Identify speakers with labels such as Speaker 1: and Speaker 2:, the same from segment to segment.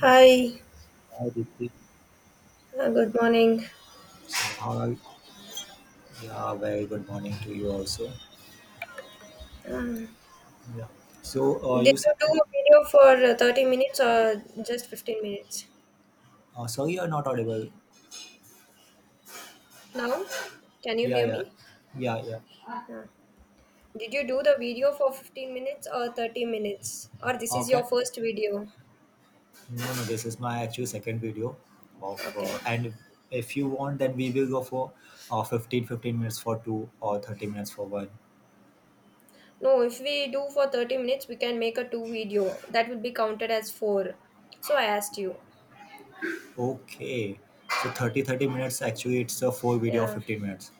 Speaker 1: Hi,
Speaker 2: Hi Deepti.
Speaker 1: good morning.
Speaker 2: Hi. Yeah, very good morning to you also.
Speaker 1: Uh,
Speaker 2: Yeah. So
Speaker 1: did
Speaker 2: you
Speaker 1: you
Speaker 2: said that,
Speaker 1: do a video for 30 minutes or just 15 minutes?
Speaker 2: sorry you're not audible.
Speaker 1: Now, can you
Speaker 2: Yeah,
Speaker 1: hear
Speaker 2: yeah,
Speaker 1: me?
Speaker 2: yeah, yeah.
Speaker 1: Uh, did you do the video for 15 minutes or 30 minutes? Or this is your
Speaker 2: Okay.
Speaker 1: first video?
Speaker 2: No, no, this is my actual second video of,
Speaker 1: Okay.
Speaker 2: and if you want, then we will go for 15 minutes for two or 30 minutes for one.
Speaker 1: No, if we do for 30 minutes, we can make a two video. That will be counted as four. So I asked you.
Speaker 2: Okay. So 30 minutes, actually it's a four video of
Speaker 1: Yeah.
Speaker 2: 15 minutes.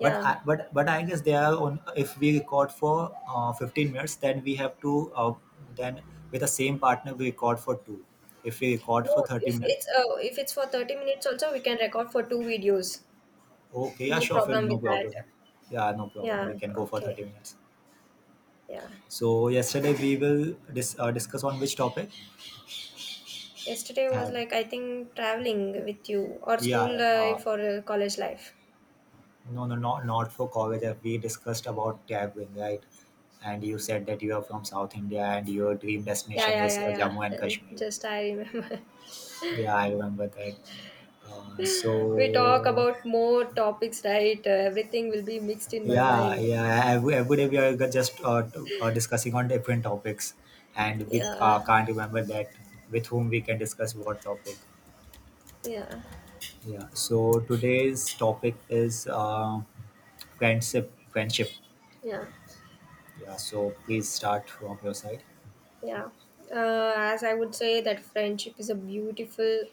Speaker 2: But I, but but I guess they are on. If we record for 15 minutes, then we have to then with the same partner we record for two. If we record for
Speaker 1: No,
Speaker 2: thirty
Speaker 1: if
Speaker 2: minutes,
Speaker 1: it's uh, if it's for 30 minutes also, we can record for two videos.
Speaker 2: okay, yeah,
Speaker 1: No
Speaker 2: sure,
Speaker 1: problem
Speaker 2: fine, no
Speaker 1: with that.
Speaker 2: problem. Yeah, no problem.
Speaker 1: Yeah,
Speaker 2: We can go for
Speaker 1: okay.
Speaker 2: 30 minutes.
Speaker 1: Yeah.
Speaker 2: So yesterday we will discuss on which topic,
Speaker 1: Yesterday was
Speaker 2: and
Speaker 1: like I think traveling with you or school
Speaker 2: yeah,
Speaker 1: life or college life.
Speaker 2: no, no, not for college. We discussed about traveling, right? And you said that you are from South India and your dream
Speaker 1: Yeah,
Speaker 2: destination
Speaker 1: yeah,
Speaker 2: is
Speaker 1: yeah,
Speaker 2: Jammu
Speaker 1: yeah.
Speaker 2: and
Speaker 1: Uh,
Speaker 2: Kashmir.
Speaker 1: Just I remember.
Speaker 2: Yeah, I remember that. Uh,
Speaker 1: We talk
Speaker 2: so
Speaker 1: about more topics, right? Everything will be mixed in my
Speaker 2: yeah,
Speaker 1: mind.
Speaker 2: yeah. Every day we are discussing on different topics, and we
Speaker 1: Yeah,
Speaker 2: can't remember that with whom we can discuss what topic.
Speaker 1: yeah,
Speaker 2: Yeah. So today's topic is friendship. Friendship.
Speaker 1: yeah.
Speaker 2: Yeah. So please start from your side.
Speaker 1: Yeah. As I would say, that friendship is a beautiful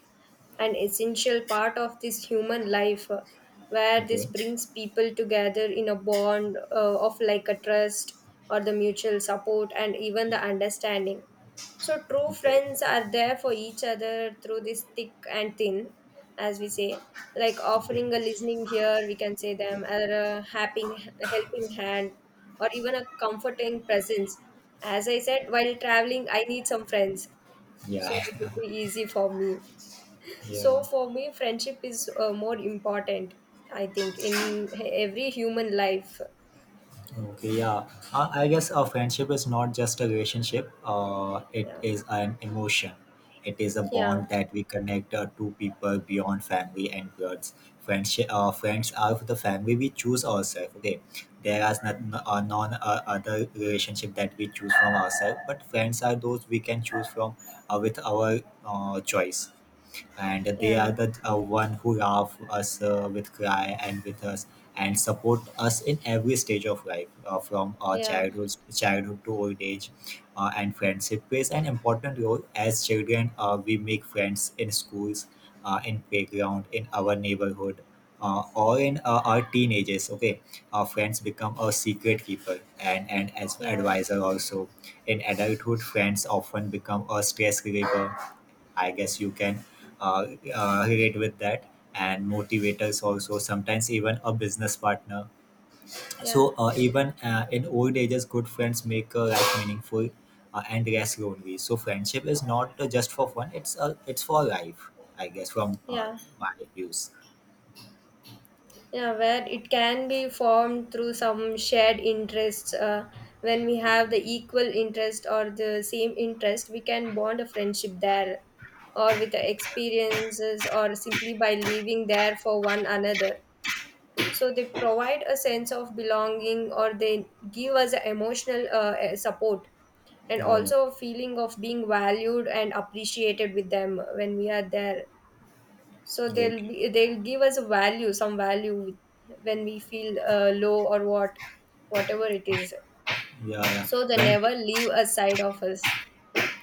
Speaker 1: and essential part of this human life, where this
Speaker 2: Okay.
Speaker 1: brings people together in a bond of like a trust or the mutual support and even the understanding. So true
Speaker 2: Okay.
Speaker 1: friends are there for each other through this thick and thin, as we say, like
Speaker 2: Okay.
Speaker 1: offering a listening ear, we can say them, or a helping hand, or even a comforting presence. As I said, while traveling, I need some friends,
Speaker 2: Yeah.
Speaker 1: so it would be easy for me.
Speaker 2: yeah.
Speaker 1: So for me, friendship is more important, I think, in every human life.
Speaker 2: Okay, yeah. I guess a friendship is not just a relationship. It
Speaker 1: Yeah,
Speaker 2: is an emotion. It is a
Speaker 1: yeah,
Speaker 2: bond that we connect two people beyond family and bloods. Friends are the family we choose ourselves. Okay, there is not non other relationship that we choose from ourselves, but friends are those we can choose from with our choice, and they are
Speaker 1: yeah,
Speaker 2: the one who love us with cry and with us, and support us in every stage of life, from our
Speaker 1: yeah,
Speaker 2: childhood to old age, and friendship plays an important role. As children, we make friends in schools, in playground, in our neighborhood, or in our teenagers. Okay, our friends become our secret keeper, and as
Speaker 1: yeah,
Speaker 2: advisor also. In adulthood, friends often become a stress reliever. I guess you can uh, relate with that. And motivators also, sometimes even a business partner.
Speaker 1: yeah,
Speaker 2: So even in old ages, good friends make life meaningful and less lonely. So friendship is not just for fun; it's for life, I guess, from
Speaker 1: yeah.
Speaker 2: my views.
Speaker 1: Yeah, where it can be formed through some shared interests. When we have the equal interest or the same interest, we can bond a friendship there, or with the experiences, or simply by living there for one another. So they provide a sense of belonging, or they give us a emotional support, and
Speaker 2: Yeah, yeah.
Speaker 1: also a feeling of being valued and appreciated with them when we are there, so
Speaker 2: Okay.
Speaker 1: they'll give us a value, some value, when we feel low, or whatever it is,
Speaker 2: Yeah, yeah.
Speaker 1: so they
Speaker 2: When
Speaker 1: never leave a side of us.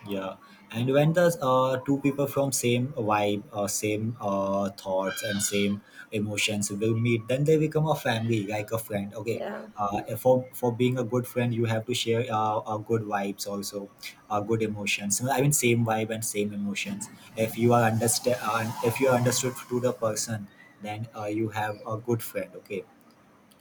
Speaker 2: Yeah, and when the two people from same vibe, same thoughts, and same emotions will meet, then they become a family, like a friend. Okay,
Speaker 1: Yeah,
Speaker 2: for being a good friend, you have to share good vibes also, good emotions. I mean, same vibe and same emotions. If you are understood to the person, then you have a good friend. Okay.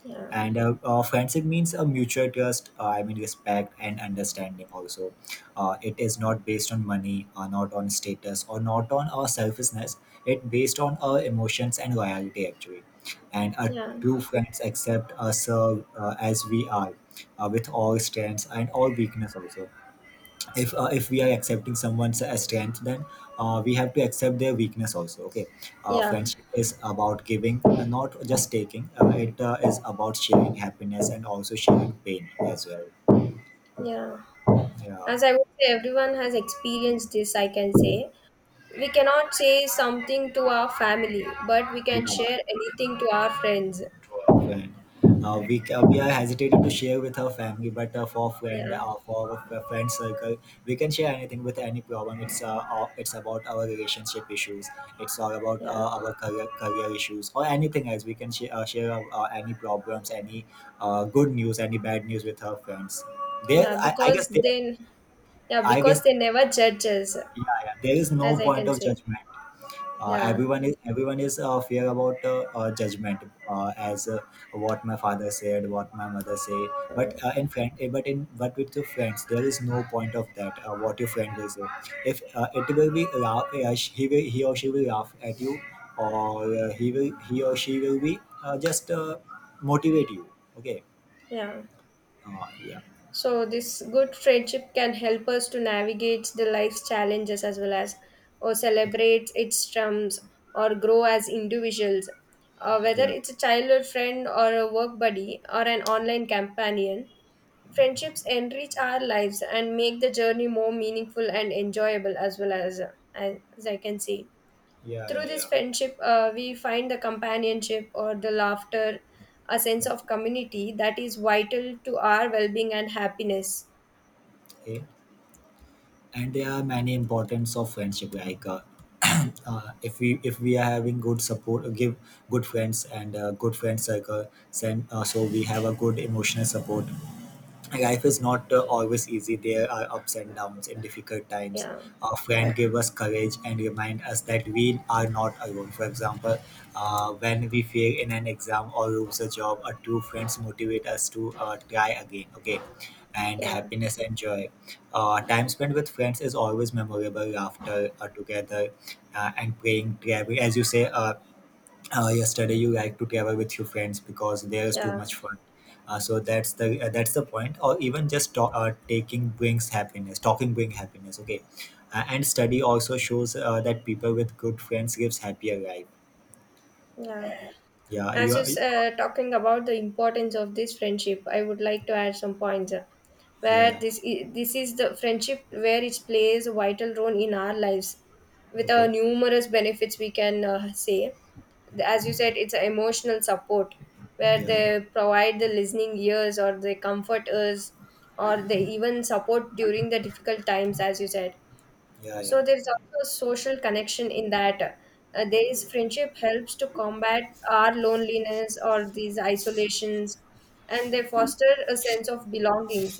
Speaker 1: yeah,
Speaker 2: And friendship means a mutual trust, I mean, respect and understanding also. It is not based on money or not on status or not on our selfishness. It based on our emotions and loyalty actually, and our
Speaker 1: yeah,
Speaker 2: true friends accept us as we are, with all strengths and all weakness also. If if we are accepting someone's strength, then we have to accept their weakness also. Okay.
Speaker 1: yeah,
Speaker 2: Friendship is about giving, not just taking. It is about sharing happiness and also sharing pain as well.
Speaker 1: yeah.
Speaker 2: Yeah,
Speaker 1: As I would say, everyone has experienced this, I can say. We cannot say something to our family, but we can
Speaker 2: yeah.
Speaker 1: share anything to our friends.
Speaker 2: Well, we are hesitated to share with our family, but
Speaker 1: Yeah,
Speaker 2: for our friend circle, we can share anything with any problem. It's about our relationship issues. It's all about
Speaker 1: yeah.
Speaker 2: our career issues or anything else. We can share, any problems, any good news, any bad news with our friends. There,
Speaker 1: Yeah,
Speaker 2: I guess
Speaker 1: because
Speaker 2: there,
Speaker 1: then, yeah,
Speaker 2: I
Speaker 1: because
Speaker 2: guess
Speaker 1: they never judge us,
Speaker 2: Yeah, yeah, there is no
Speaker 1: as I
Speaker 2: point
Speaker 1: can
Speaker 2: of
Speaker 1: say.
Speaker 2: judgment.
Speaker 1: Yeah.
Speaker 2: Everyone is fear about judgment. As What my father said, what my mother say, but
Speaker 1: Uh,
Speaker 2: in friend eh, but in but with your friends there is no point of that, what your friend will say. If it will be laugh, he or she will laugh at you, or he or she will be just motivate you. Okay.
Speaker 1: yeah.
Speaker 2: Yeah,
Speaker 1: So this good friendship can help us to navigate the life's challenges as well as, or celebrate its strengths, or grow as individuals. Whether
Speaker 2: yeah,
Speaker 1: it's a childhood friend or a work buddy or an online companion, friendships enrich our lives and make the journey more meaningful and enjoyable as well as I can see.
Speaker 2: yeah,
Speaker 1: Through
Speaker 2: yeah,
Speaker 1: this
Speaker 2: yeah.
Speaker 1: friendship, we find the companionship or the laughter, a sense of community that is vital to our well being and happiness.
Speaker 2: Okay. And there are many importance of friendship like, if we are having good support give good friends and good friend circle, then we have a good emotional support. Life is not always easy. There are ups and downs and difficult times.
Speaker 1: Yeah,
Speaker 2: A friend give us courage and remind us that we are not alone. For example, when we fail in an exam or lose a job, a true friends motivate us to try again. Okay. And
Speaker 1: yeah,
Speaker 2: happiness and joy. Time spent with friends is always memorable, laughter together, and praying travel, as you say, yesterday you like to travel with your friends because there is too
Speaker 1: yeah,
Speaker 2: much fun. So that's the point. Or even just taking brings happiness, talking brings happiness. Okay. And study also shows that people with good friends gives happier life.
Speaker 1: yeah.
Speaker 2: Yeah,
Speaker 1: As it's
Speaker 2: yeah,
Speaker 1: talking about the importance of this friendship, I would like to add some points. Where
Speaker 2: yeah.
Speaker 1: this is the friendship where it plays a vital role in our lives, with our
Speaker 2: Okay.
Speaker 1: numerous benefits we can say. As you said, it's a emotional support where they
Speaker 2: Yeah,
Speaker 1: provide the listening ears or they comfort us, or they even support during the difficult times, as you said,
Speaker 2: yeah,
Speaker 1: so
Speaker 2: yeah,
Speaker 1: there is also a social connection in that. There is friendship helps to combat our loneliness or these isolations, and they foster a sense of belongings,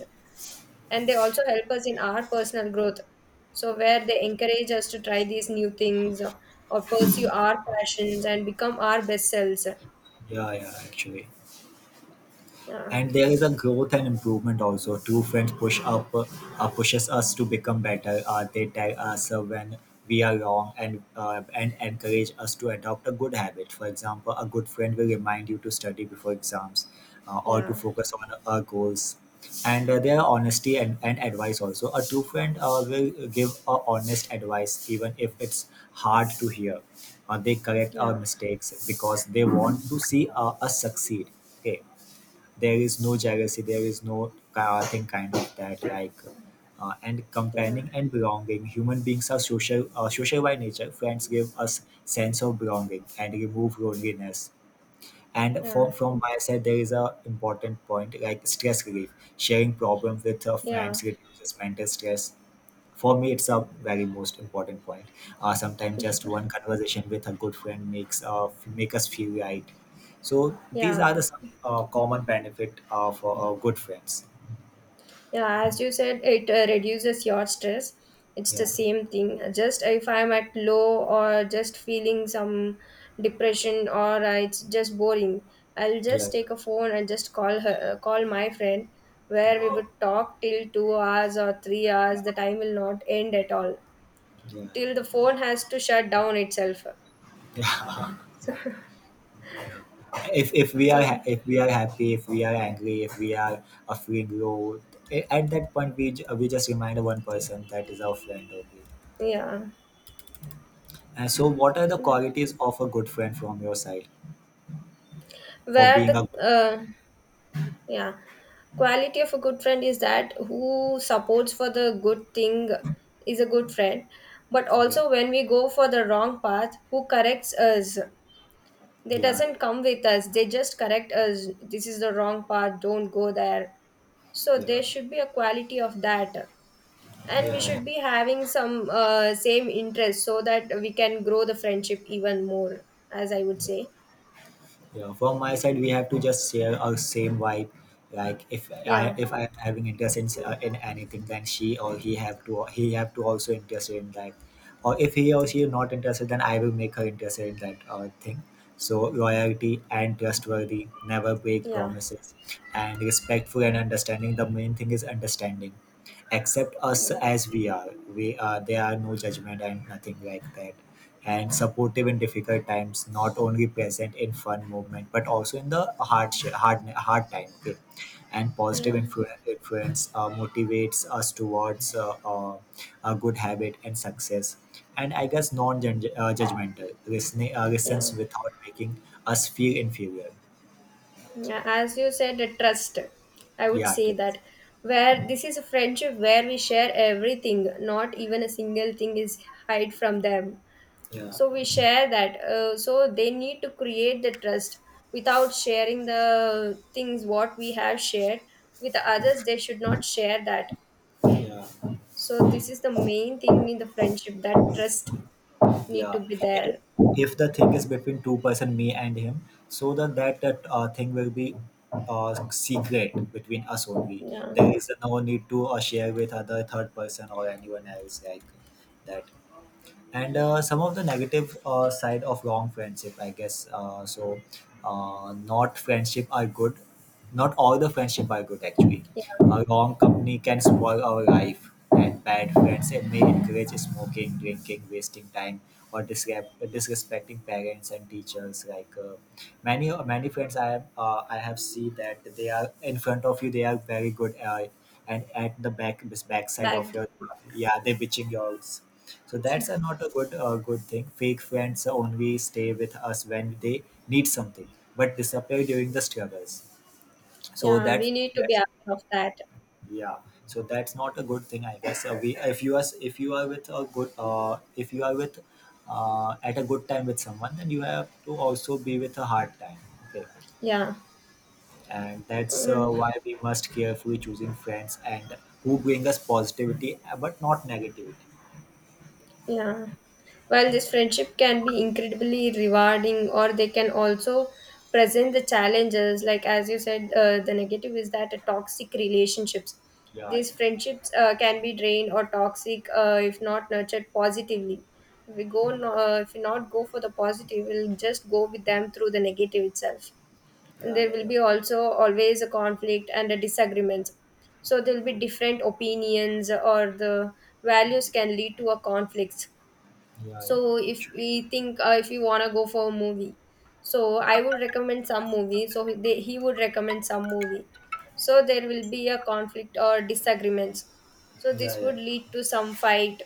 Speaker 1: and they also help us in our personal growth. So where they encourage us to try these new things, or pursue our passions and become our best selves.
Speaker 2: yeah, yeah. Actually,
Speaker 1: Yeah,
Speaker 2: and there is a growth and improvement also. Two friends pushes us to become better. They tell us when we are wrong, and encourage us to adopt a good habit. For example, a good friend will remind you to study before exams, or to
Speaker 1: yeah,
Speaker 2: focus on our goals. And their honesty and advice also, a true friend will give a honest advice even if it's hard to hear. They correct our
Speaker 1: yeah,
Speaker 2: mistakes because they want to see us succeed. Okay. There is no jealousy, there is no chaotic kind of that, like and
Speaker 1: yeah,
Speaker 2: comparing and belonging. Human beings are social, social by nature. Friends give us sense of belonging and remove loneliness. And
Speaker 1: yeah,
Speaker 2: from my side, there is a important point like stress relief. Sharing problems with
Speaker 1: yeah,
Speaker 2: friends reduces mental stress. For me, it's a very most important point. Sometimes just one conversation with a good friend make us feel right. So these
Speaker 1: yeah.
Speaker 2: are the some common benefit of good friends.
Speaker 1: Yeah, as you said, it reduces your stress. It's the
Speaker 2: Yeah,
Speaker 1: same thing. Just if I'm at low or just feeling some depression or it's just boring, I'll
Speaker 2: yeah,
Speaker 1: just take a phone and just call my friend, where we would talk till 2 hours or 3 hours. The time will not end at all
Speaker 2: yeah.
Speaker 1: till the phone has to shut down itself.
Speaker 2: Yeah. If
Speaker 1: So
Speaker 2: if we are happy, if we are angry, if we are feeling low, at that point we just remind one person that is our friend only.
Speaker 1: yeah,
Speaker 2: And so, what are the qualities of a good friend from your side for
Speaker 1: where
Speaker 2: being
Speaker 1: the
Speaker 2: a good?
Speaker 1: yeah. Quality of a good friend is that who supports for the good thing is a good friend. But
Speaker 2: Okay.
Speaker 1: also when we go for the wrong path, who corrects us? They
Speaker 2: Yeah,
Speaker 1: doesn't come with us. They just correct us. This is the wrong path. Don't go there. So
Speaker 2: yeah,
Speaker 1: there should be a quality of that. And
Speaker 2: yeah.
Speaker 1: we
Speaker 2: Yeah.
Speaker 1: should be having some same interest so that we can grow the friendship even more, as I would say.
Speaker 2: Yeah, from my side, we have to just share our same vibe. Like
Speaker 1: Yeah.
Speaker 2: if I'm having interest in anything, then she or he have to also interested in that. Or if he or she is not interested, then I will make her interested in that thing. So loyalty and trustworthy, never break
Speaker 1: Yeah.
Speaker 2: promises, and respectful and understanding. The main thing is understanding. Accept us
Speaker 1: Yeah.
Speaker 2: as we are. There are no judgment and nothing like that, and supportive in difficult times, not only present in fun movement but also in the hard time. Okay. And positive
Speaker 1: Yeah.
Speaker 2: influence motivates us towards a good habit and success. And I guess non-judgmental listening listens
Speaker 1: Yeah.
Speaker 2: without making us feel inferior.
Speaker 1: Yeah, as you said, a trust. I would
Speaker 2: Yeah, it
Speaker 1: say
Speaker 2: is.
Speaker 1: that where this is a friendship where we share everything, not even a single thing is hide from them.
Speaker 2: Yeah,
Speaker 1: So we share that. So they need to create the trust without sharing the things what we have shared with the others. They should not share that.
Speaker 2: yeah.
Speaker 1: So this is the main thing in the friendship that trust need to
Speaker 2: Yeah.
Speaker 1: be there.
Speaker 2: If the thing is between two person, me and him, so that thing will be secret between us only.
Speaker 1: Yeah,
Speaker 2: There is no need to share with other third person or anyone else like that. And some of the negative side of wrong friendship, I guess. Uh, not friendship are good Not all the friendship are good actually.
Speaker 1: yeah.
Speaker 2: A wrong company can spoil our life, and bad friends, it may encourage smoking, drinking, wasting time, or disrespecting parents and teachers, like many friends I have seen that, they are in front of you they are very good, and at the backside
Speaker 1: Back.
Speaker 2: of your, yeah, they're bitching you out. So that's a not a good, good thing. Fake friends only stay with us when they need something, but disappear during the struggles. So
Speaker 1: Yeah,
Speaker 2: that's
Speaker 1: we need to be
Speaker 2: that's
Speaker 1: aware of that.
Speaker 2: yeah. So that's not a good thing, I guess. We if you are with a good if you are with at a good time with someone, then you have to also be with a hard time. Okay,
Speaker 1: Yeah.
Speaker 2: and that's
Speaker 1: Mm,
Speaker 2: why we must carefully choosing friends and who bring us positivity, but not negativity.
Speaker 1: yeah. While this friendship can be incredibly rewarding, or they can also present the challenges, like as you said, the negative is that toxic relationships.
Speaker 2: Yeah, yeah,
Speaker 1: These friendships can be drained or toxic if not nurtured positively. If we not go for the positive, we'll just go with them through the negative itself. And
Speaker 2: yeah,
Speaker 1: there
Speaker 2: yeah,
Speaker 1: will
Speaker 2: yeah,
Speaker 1: be also always a conflict and a disagreements, so there will be different opinions, or the values can lead to a conflicts.
Speaker 2: yeah, yeah,
Speaker 1: So if
Speaker 2: actually,
Speaker 1: we think if you want to go for a movie, so I would recommend some movie, so he would recommend some movie, so there will be a conflict or disagreements, so
Speaker 2: yeah,
Speaker 1: this
Speaker 2: yeah, yeah.
Speaker 1: would lead to some fight.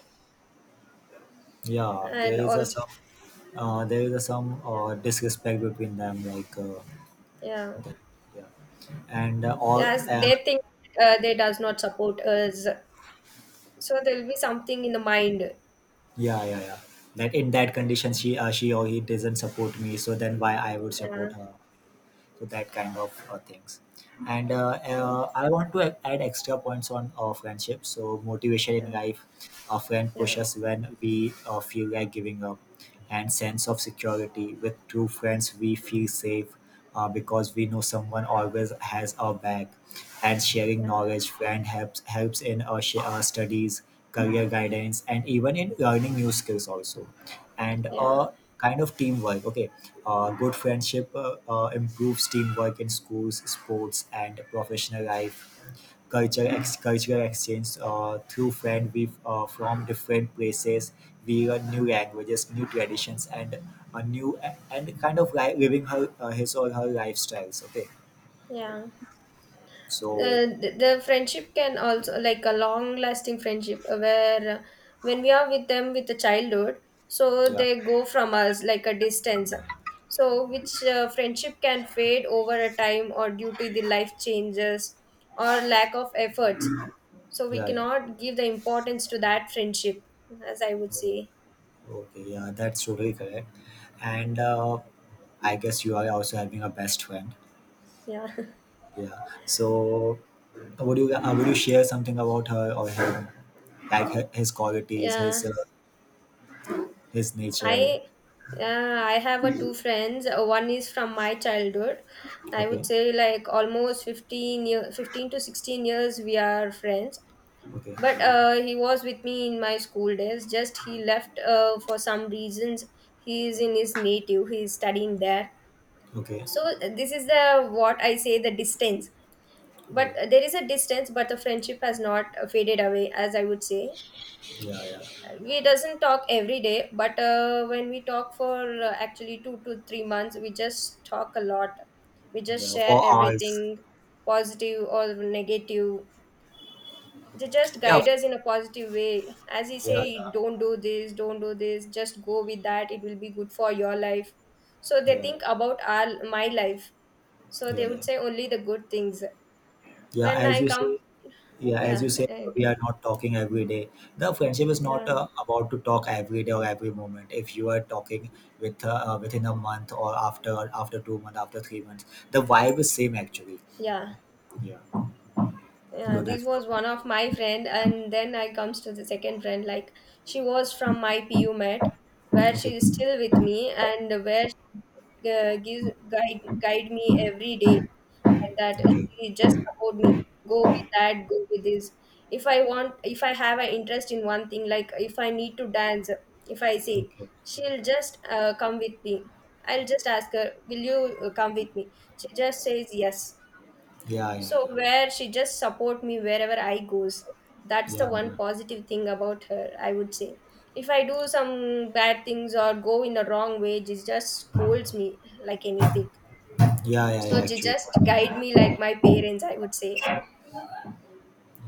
Speaker 2: Yeah,
Speaker 1: And
Speaker 2: there is a
Speaker 1: also,
Speaker 2: some
Speaker 1: yeah,
Speaker 2: disrespect between them, like
Speaker 1: yeah,
Speaker 2: yeah, and all
Speaker 1: yes they think they does not support us. So there'll be something in the mind.
Speaker 2: yeah, yeah, yeah. That in that condition, she or he doesn't support me, so then why I would
Speaker 1: Yeah,
Speaker 2: support her? So that kind of things. And
Speaker 1: yeah,
Speaker 2: I want to add extra points on friendship. So motivation in
Speaker 1: yeah,
Speaker 2: life, a friend
Speaker 1: yeah,
Speaker 2: pushes when we feel like giving up. And sense of security, with true friends we feel safe because we know someone always has our back. And sharing
Speaker 1: yeah,
Speaker 2: knowledge, friend helps in our studies, career guidance, and even in learning new skills also. And
Speaker 1: yeah,
Speaker 2: kind of teamwork. Okay, good friendship improves teamwork in schools, sports, and professional life. Cultural exchange through friends we from different places. We learn new languages, new traditions, and a new and kind of living her his or her lifestyles. Okay,
Speaker 1: yeah.
Speaker 2: so
Speaker 1: The friendship can also like a long-lasting friendship where when we are with them with the childhood, so
Speaker 2: yeah,
Speaker 1: they go from us like a distance. So which friendship can fade over a time or due to the life changes or lack of efforts. So we
Speaker 2: yeah, yeah.
Speaker 1: cannot give the importance to that friendship, as I would say.
Speaker 2: Oh, okay, yeah, that's totally correct. And I guess you are also having a best friend.
Speaker 1: Yeah.
Speaker 2: Yeah. So, would you share something about her or him, like his qualities,
Speaker 1: Yeah.
Speaker 2: his nature?
Speaker 1: I I have a two friends. One is from my childhood. I would
Speaker 2: Okay.
Speaker 1: say like almost 15 year, 15 to 16 years we are friends.
Speaker 2: Okay.
Speaker 1: But he was with me in my school days. Just he left for some reasons. He is in his native. He is studying there.
Speaker 2: Okay.
Speaker 1: So this is the what I say the distance.
Speaker 2: Oh,
Speaker 1: But there is a distance, but the friendship has not faded away, as I would say,
Speaker 2: yeah, yeah,
Speaker 1: we doesn't talk every day, but when we talk for actually 2 to 3 months, we just talk a lot. We just
Speaker 2: yeah.
Speaker 1: share
Speaker 2: For us,
Speaker 1: everything, positive or negative. They just
Speaker 2: yeah,
Speaker 1: guide us in a positive way, as he
Speaker 2: yeah,
Speaker 1: say,
Speaker 2: yeah,
Speaker 1: don't do this, don't do this, just go with that, it will be good for your life, so they
Speaker 2: yeah,
Speaker 1: think about our my life, so
Speaker 2: yeah,
Speaker 1: they
Speaker 2: yeah.
Speaker 1: would say only the good things
Speaker 2: Yeah,
Speaker 1: when I
Speaker 2: as you
Speaker 1: come.
Speaker 2: say, yeah, as
Speaker 1: Yeah.
Speaker 2: you say,
Speaker 1: Yeah.
Speaker 2: we are not talking every day. The friendship is not about to talk every day or every moment. If you are talking with within a month or after 2 months, after 3 months, the vibe is same actually.
Speaker 1: Yeah,
Speaker 2: Yeah.
Speaker 1: yeah,
Speaker 2: So
Speaker 1: this
Speaker 2: that's the.
Speaker 1: was one of my friend, and then I comes to the second friend. Like, she was from my pu met, where she
Speaker 2: Okay.
Speaker 1: is still with me, and where she gives guide me every day. And that
Speaker 2: Okay.
Speaker 1: she just support me. Go with that, go with this. If I want, if I have an interest in one thing, like if I need to dance, if I say,
Speaker 2: Okay.
Speaker 1: she'll just come with me. I'll just ask her, will you come with me? She just says yes.
Speaker 2: Yeah. Yeah.
Speaker 1: So where she just support me wherever I goes. That's the
Speaker 2: Yeah. Yeah.
Speaker 1: one
Speaker 2: Yeah.
Speaker 1: positive thing about her, I would say. If I do some bad things or go in the wrong way, she just scolds me like anything.
Speaker 2: Yeah, yeah
Speaker 1: So she
Speaker 2: actually, for
Speaker 1: just
Speaker 2: them.
Speaker 1: guide me like my parents, I would say.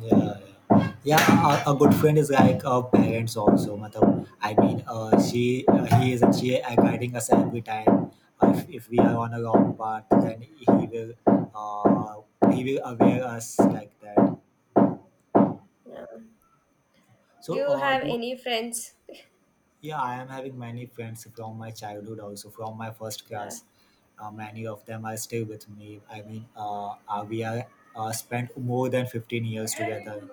Speaker 2: Yeah. Yeah. Yeah, a good friend is like our parents also. Matlab, I mean, she, he is actually guiding us every time. If we are on a wrong path, then uh, he will aware us like that.
Speaker 1: Yeah. Do
Speaker 2: So,
Speaker 1: you have
Speaker 2: you.
Speaker 1: any friends?
Speaker 2: Yeah, I am having many friends from my childhood, also from my first
Speaker 1: Yeah,
Speaker 2: class. Many of them are still with me. I mean, we are spent more than 15 years together.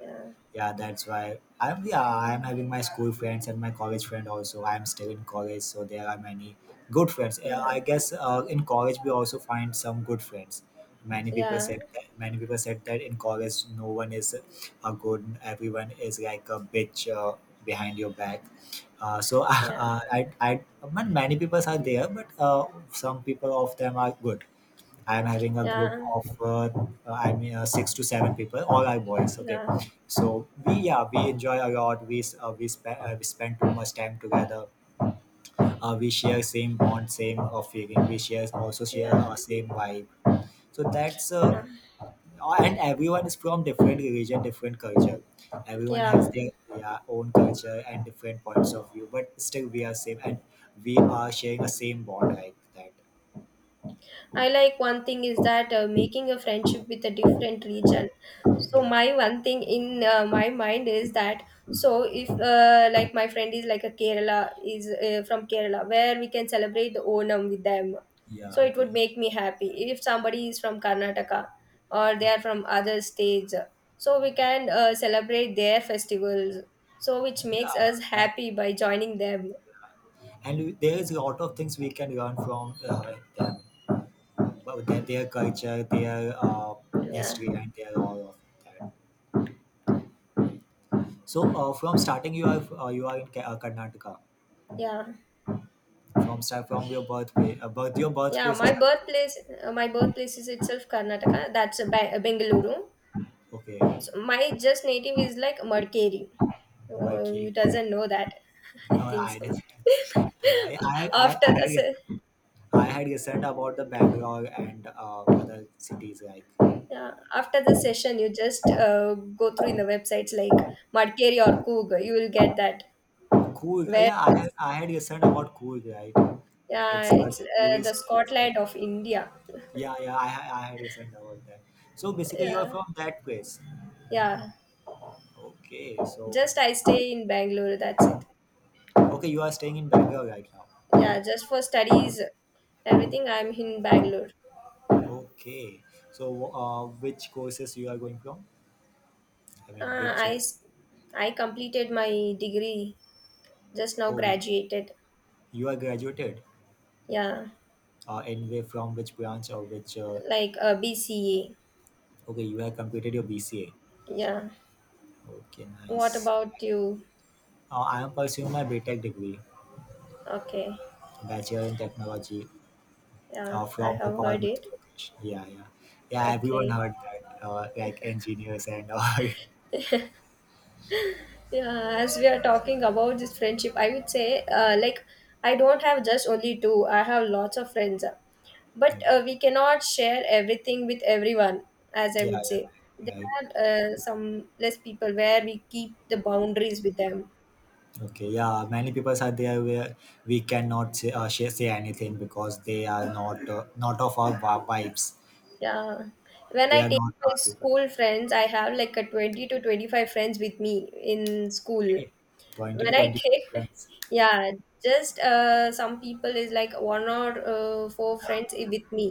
Speaker 1: yeah,
Speaker 2: Yeah, that's why I'm. Yeah, I'm having my school friends and my college friend also. I'm still in college, so there are many good friends.
Speaker 1: yeah,
Speaker 2: I guess in college we also find some good friends. Many people
Speaker 1: yeah,
Speaker 2: said that. Many people said that in college no one is a good. Everyone is like a bitch behind your back so
Speaker 1: yeah,
Speaker 2: I, I, I, many people are there, but some people of them are good. I am having a group
Speaker 1: yeah,
Speaker 2: of I mean six to seven people, all are boys. Okay,
Speaker 1: yeah,
Speaker 2: so we yeah we enjoy a lot. We spend too much time together. We share same bond, same feeling. We share
Speaker 1: yeah,
Speaker 2: same vibe. So that's
Speaker 1: yeah.
Speaker 2: and everyone is from different religion, different culture. Everyone has
Speaker 1: Yeah.
Speaker 2: their yeah, own culture and different points of view, but still we are same and we are sharing a same bond like that.
Speaker 1: I like one thing is that making a friendship with a different region. So
Speaker 2: Yeah,
Speaker 1: my one thing in my mind is that, so if like my friend is like a Kerala is from Kerala, where we can celebrate the Onam with them.
Speaker 2: yeah,
Speaker 1: So it
Speaker 2: okay,
Speaker 1: would make me happy. If somebody is from Karnataka or they are
Speaker 2: okay,
Speaker 1: from other states, so we can celebrate their festivals. So which makes
Speaker 2: yeah,
Speaker 1: us
Speaker 2: that,
Speaker 1: happy by joining them.
Speaker 2: and there is a lot of things we can learn from them, but their culture, their
Speaker 1: Yeah.
Speaker 2: history, and their all of that. So from starting you are in Karnataka
Speaker 1: Yeah.
Speaker 2: from start from your birthplace. Birth Your
Speaker 1: Yeah,
Speaker 2: birthplace
Speaker 1: my
Speaker 2: is,
Speaker 1: birthplace, my birthplace is itself Karnataka. That's a Bengaluru.
Speaker 2: okay,
Speaker 1: So my just native is like Madikeri. Oh, you
Speaker 2: okay.
Speaker 1: doesn't know that, I
Speaker 2: No,
Speaker 1: think
Speaker 2: I
Speaker 1: so.
Speaker 2: just yeah, I I I
Speaker 1: after
Speaker 2: I
Speaker 1: the
Speaker 2: had,
Speaker 1: se-
Speaker 2: I had listened about the Bangalore and other cities like
Speaker 1: yeah, after the session, you just go through in the websites like Madikeri or Coog. You will get that.
Speaker 2: cool,
Speaker 1: Where
Speaker 2: yeah, I had
Speaker 1: is
Speaker 2: I had listened about cool, right?
Speaker 1: Yeah,
Speaker 2: It's a
Speaker 1: it's the
Speaker 2: tourist place, I
Speaker 1: Scotland
Speaker 2: guess.
Speaker 1: of India.
Speaker 2: Yeah, yeah, I had listened about that. So basically, you are
Speaker 1: Yeah,
Speaker 2: from that place.
Speaker 1: yeah.
Speaker 2: Okay, so
Speaker 1: Just I stay in Bangalore. That's it.
Speaker 2: okay, you are staying in Bangalore right now.
Speaker 1: Yeah, just for studies, everything. I'm in Bangalore.
Speaker 2: Okay, so which courses you are going from? I mean,
Speaker 1: Uh,
Speaker 2: which
Speaker 1: I s- I completed my degree just now.
Speaker 2: oh you,
Speaker 1: Graduated.
Speaker 2: you are graduated
Speaker 1: Yeah,
Speaker 2: from which branch or which
Speaker 1: like BCA.
Speaker 2: okay you have completed your BCA.
Speaker 1: Yeah.
Speaker 2: Okay,
Speaker 1: What
Speaker 2: nice.
Speaker 1: about you?
Speaker 2: I am pursuing my B Tech degree,
Speaker 1: Okay.
Speaker 2: Bachelor in Technology,
Speaker 1: Yeah, I
Speaker 2: from
Speaker 1: have
Speaker 2: Bhopal,
Speaker 1: heard
Speaker 2: Madhya
Speaker 1: it.
Speaker 2: Pradesh. Yeah, yeah, yeah. Everyone
Speaker 1: Okay.
Speaker 2: heard that, like engineers and all.
Speaker 1: Yeah, as we are talking about this friendship, I would say, I don't have just only two. I have lots of friends, but
Speaker 2: Okay,
Speaker 1: we cannot share everything with everyone. As I
Speaker 2: yeah,
Speaker 1: would
Speaker 2: yeah,
Speaker 1: say,
Speaker 2: right.
Speaker 1: there are some less people where we keep the boundaries with them.
Speaker 2: Okay, yeah. Many people are there where we cannot say, say anything because they are not not of our vibes.
Speaker 1: Yeah, when
Speaker 2: They
Speaker 1: I
Speaker 2: are
Speaker 1: take
Speaker 2: not
Speaker 1: my
Speaker 2: our people.
Speaker 1: school friends, I have like a 20 to 25 friends with me in school.
Speaker 2: Okay, twenty to
Speaker 1: Variety.
Speaker 2: twenty-five friends.
Speaker 1: Yeah, just some people is like one or four friends with me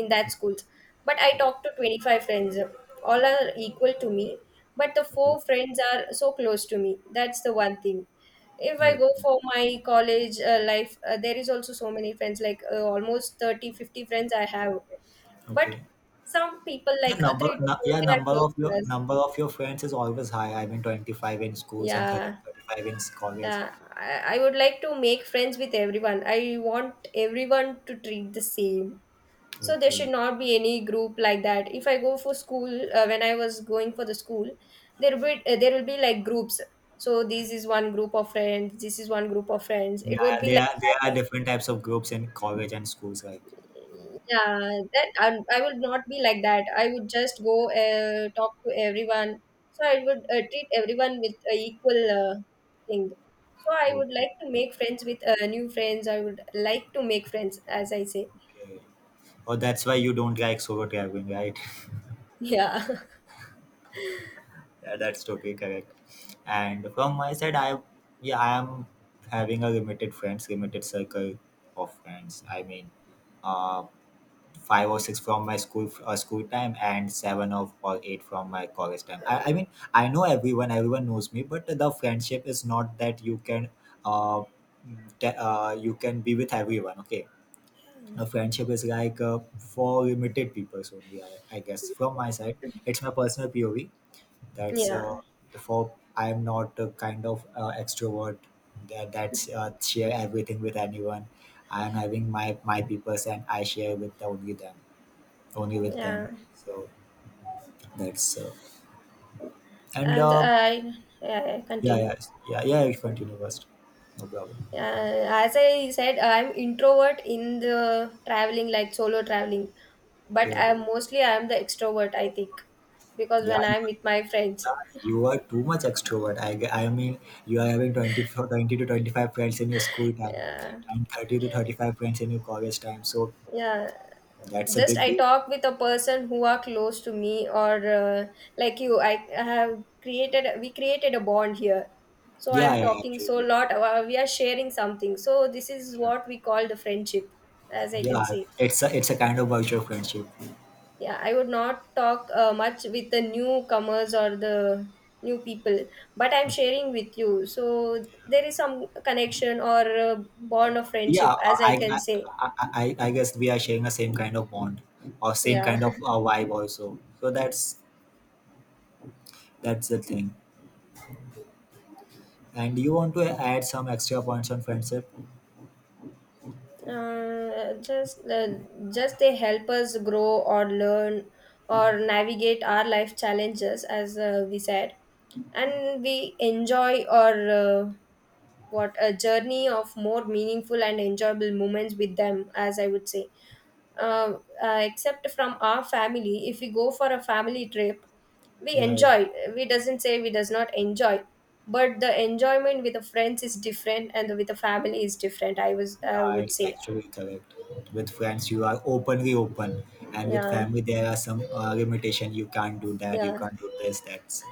Speaker 1: in that schools, but I
Speaker 2: Okay,
Speaker 1: talk to 25 friends. All are equal to me, but the four
Speaker 2: okay,
Speaker 1: friends are so close to me. That's the one thing. If I go
Speaker 2: okay,
Speaker 1: for my college life, there is also so many friends like almost 30, 50 friends I have, but
Speaker 2: okay.
Speaker 1: some people like three to four,
Speaker 2: Yeah,
Speaker 1: they are close to us.
Speaker 2: number of your friends is always high. I mean, 25 in schools and
Speaker 1: Yeah.
Speaker 2: 35 in college.
Speaker 1: Yeah, I would like to make friends with everyone. I want everyone to treat the same. So there should
Speaker 2: Okay.
Speaker 1: not be any group like that. If I go for school, when I was going for the school, there will be there will be like groups. So this is one group of friends. This is one group of friends.
Speaker 2: Yeah,
Speaker 1: It
Speaker 2: yeah,
Speaker 1: would be
Speaker 2: there
Speaker 1: like
Speaker 2: are, there are
Speaker 1: that.
Speaker 2: different types of groups in college and schools, right?
Speaker 1: Yeah, that I would not be like that. I would just go talk to everyone, so I would treat everyone with equal thing. So I would
Speaker 2: Okay,
Speaker 1: like to make friends with new friends. I would like to make friends as I say.
Speaker 2: okay. Oh, that's why you don't like solo traveling, right?
Speaker 1: Yeah.
Speaker 2: Yeah, that's totally correct. And from my side, I yeah, I am having a limited friends, limited circle of friends. I mean, uh, five or six from my school time and seven of or eight from my college time. I mean I know everyone, everyone knows me, but the friendship is not that you can uh, you can be with everyone. Okay, a friendship is like for limited people only, I guess from my side. It's my personal pov. That's
Speaker 1: Yeah,
Speaker 2: for I am not a kind of extrovert that that's share everything with anyone. I am having my peoples and I share with only them, only with them.
Speaker 1: yeah.
Speaker 2: So that's and
Speaker 1: and i yeah, yeah,
Speaker 2: yeah,
Speaker 1: continue.
Speaker 2: yeah, yeah, yeah. You continue first, no problem.
Speaker 1: As I said, I'm introvert in the traveling, like solo traveling, but
Speaker 2: Yeah,
Speaker 1: I'm mostly I'm the extrovert, I think, because
Speaker 2: yeah.
Speaker 1: when I'm with my friends.
Speaker 2: You are too much extrovert. I mean, you are having 20 to 25 friends in your school time,
Speaker 1: Yeah,
Speaker 2: and 30 to 35 friends in your college time. So
Speaker 1: yeah.
Speaker 2: that's a
Speaker 1: Just
Speaker 2: big
Speaker 1: I
Speaker 2: deal.
Speaker 1: talk with a person who are close to me, or like you, I have created, we created a bond here, so
Speaker 2: Yeah,
Speaker 1: I'm
Speaker 2: yeah, yeah,
Speaker 1: talking
Speaker 2: actually,
Speaker 1: so
Speaker 2: yeah,
Speaker 1: lot. We are sharing something, so this is
Speaker 2: yeah.
Speaker 1: what we call the friendship, as I can
Speaker 2: Yeah,
Speaker 1: say.
Speaker 2: it's a, it's a kind of virtual friendship.
Speaker 1: Yeah, I would not talk much with the newcomers or the new people, but I'm sharing with you, so there is some connection or bond of friendship,
Speaker 2: Yeah,
Speaker 1: as I
Speaker 2: I
Speaker 1: can
Speaker 2: I,
Speaker 1: say.
Speaker 2: I guess we are sharing the same kind of bond or same
Speaker 1: Yeah.
Speaker 2: kind of vibe also. So that's the thing. And you want to add some extra points on friendship?
Speaker 1: uh, just uh, just they help us grow or learn or navigate our life challenges, as we said, and we enjoy or what a journey of more meaningful and enjoyable moments with them, as I would say. uh, Except from our family, if we go for a family trip, we
Speaker 2: Yeah, yeah,
Speaker 1: enjoy. We doesn't say we does not enjoy, but the enjoyment with the friends is different and with the family is different, I
Speaker 2: yeah.
Speaker 1: would
Speaker 2: It's
Speaker 1: say.
Speaker 2: actually correct. With friends, you are openly open, and with
Speaker 1: Yeah.
Speaker 2: family, there are some limitation. You can't do that. You
Speaker 1: Yeah,
Speaker 2: can't do this. That's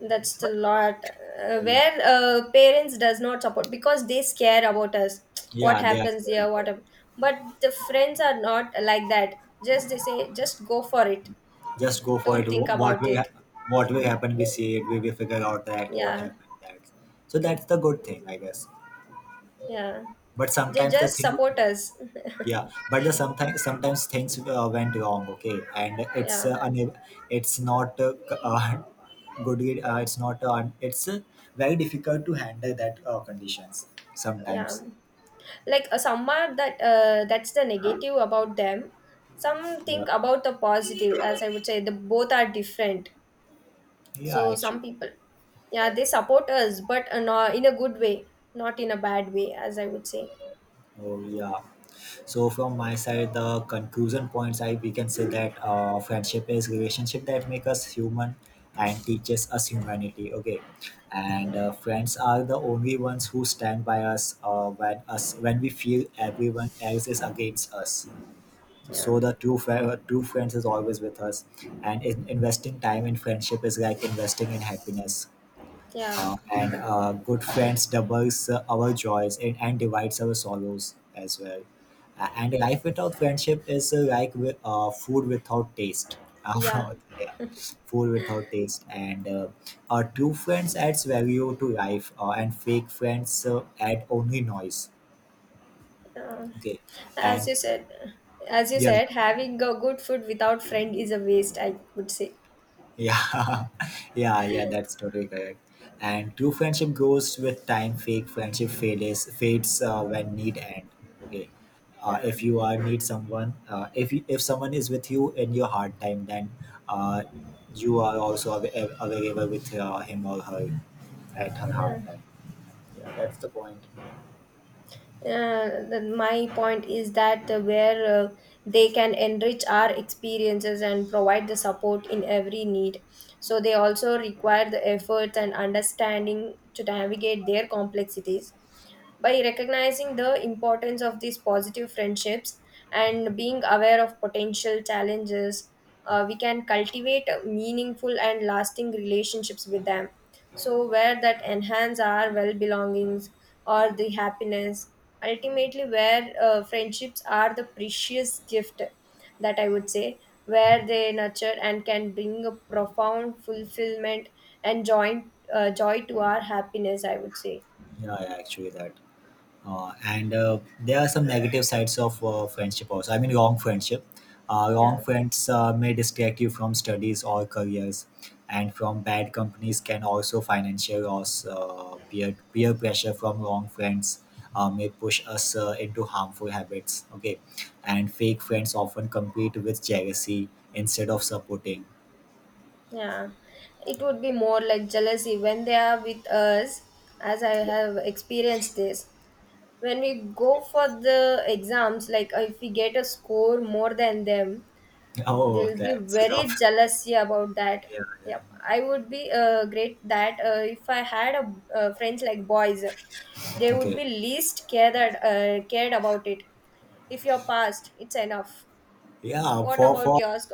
Speaker 1: that's the
Speaker 2: but
Speaker 1: lot
Speaker 2: yeah,
Speaker 1: where parents does not support because they scare about us. what
Speaker 2: yeah. They are
Speaker 1: happens
Speaker 2: scared
Speaker 1: here what
Speaker 2: about.
Speaker 1: hap- But the friends are not like that. Just they say just go for it.
Speaker 2: Just go for it.
Speaker 1: Don't think
Speaker 2: What
Speaker 1: about
Speaker 2: will
Speaker 1: it.
Speaker 2: what will happen? We see it. We will figure out that what
Speaker 1: Yeah.
Speaker 2: happened. That so that's the good thing, I guess.
Speaker 1: Yeah,
Speaker 2: But
Speaker 1: they
Speaker 2: sometimes the
Speaker 1: just
Speaker 2: thing
Speaker 1: support us.
Speaker 2: yeah but the sometimes things went wrong, okay, and it's
Speaker 1: Yeah,
Speaker 2: it's not good, it's not it's very difficult to handle that conditions
Speaker 1: yeah,
Speaker 2: sometimes.
Speaker 1: like some are that that's the negative about them. Some
Speaker 2: Yeah,
Speaker 1: think about the positive, as I would say, the both are different.
Speaker 2: yeah,
Speaker 1: So some
Speaker 2: actually.
Speaker 1: people, yeah, they support us, but in a good way, not in a bad way, as I would say.
Speaker 2: Oh, yeah. So from my side, the conclusion points I we can say that friendship is relationship that make us human and teaches us humanity. Okay, and
Speaker 1: Yeah,
Speaker 2: friends are the only ones who stand by us when we feel everyone else is against us.
Speaker 1: yeah,
Speaker 2: So the true friends is always with us, and investing time in friendship is like investing in happiness,
Speaker 1: yeah,
Speaker 2: and good friends doubles our joys and divides our sorrows as well. And life without friendship is like food without taste.
Speaker 1: yeah.
Speaker 2: Yeah, food without taste. And true friends adds value to life, and fake friends add only noise.
Speaker 1: Uh,
Speaker 2: Okay,
Speaker 1: as you
Speaker 2: and
Speaker 1: said, as you
Speaker 2: yeah.
Speaker 1: said, having a good food without friend is a waste. I would say.
Speaker 2: Yeah, yeah, yeah, that's totally correct. And true friendship grows with time. Fake friendship fades when need end. Okay,
Speaker 1: Yeah,
Speaker 2: if you are need someone, if you, if someone is with you in your hard time, then uh, you are also available with him or her at her
Speaker 1: yeah.
Speaker 2: hard time. Yeah, that's the point.
Speaker 1: My point is that where they can enrich our experiences and provide the support in every need, so they also require the efforts and understanding to navigate their complexities. By recognizing the importance of these positive friendships and being aware of potential challenges, we can cultivate meaningful and lasting relationships with them, so where that enhance our well belongings or the happiness. Ultimately, where friendships are the precious gift, that I would say, where they nurture and can bring a profound fulfillment and joy, joy to our happiness, I would say.
Speaker 2: Yeah, yeah, actually, that. And there are some negative sides of friendship also. I mean wrong friendship,
Speaker 1: Yeah.
Speaker 2: wrong friends may distract you from studies or careers, and from bad companies can also financial loss. Peer pressure from wrong friends may push us into harmful habits, okay, and fake friends often compete with jealousy instead of supporting.
Speaker 1: Yeah, it would be more like jealousy when they are with us, as I have experienced this. When we go for the exams, like if we get a score more than them,
Speaker 2: Oh,
Speaker 1: they'll be
Speaker 2: that's
Speaker 1: very
Speaker 2: tough.
Speaker 1: jealousy about that.
Speaker 2: Yeah,
Speaker 1: Yep, I would be great that if I had a friends like boys, they would
Speaker 2: okay,
Speaker 1: be least cared cared about it. If you're passed, it's enough.
Speaker 2: yeah,
Speaker 1: What
Speaker 2: for
Speaker 1: about
Speaker 2: for
Speaker 1: yours?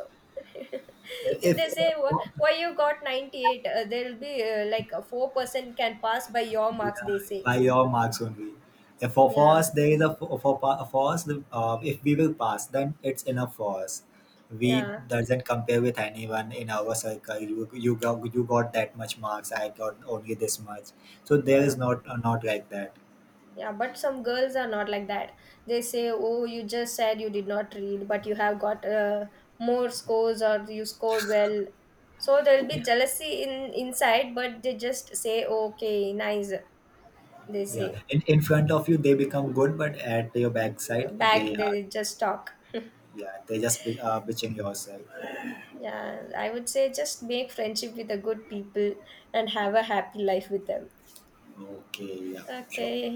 Speaker 1: If they
Speaker 2: if
Speaker 1: say,
Speaker 2: for,
Speaker 1: Why you got 98 there will be like a 4% can pass by your marks," they
Speaker 2: yeah,
Speaker 1: say.
Speaker 2: by your marks only. If for, for
Speaker 1: Yeah,
Speaker 2: us, there is a for us, if we will pass, then it's enough for us. We
Speaker 1: yeah,
Speaker 2: doesn't compare with anyone in our circle. You, you got that much marks. I got only this much. So there
Speaker 1: yeah,
Speaker 2: is not not like that.
Speaker 1: yeah, but some girls are not like that. They say, oh, you just said you did not read, but you have got more scores, or you scored well, so there will be jealousy in inside, but they just say okay, nice, they
Speaker 2: Yeah,
Speaker 1: say.
Speaker 2: in front of you they become good, but at your backside
Speaker 1: Back
Speaker 2: they are
Speaker 1: they just talk.
Speaker 2: yeah they just bitching yourself.
Speaker 1: Yeah, I would say just make friendship with the good people and have a happy life with them.
Speaker 2: Okay, yeah, sure.
Speaker 1: Okay,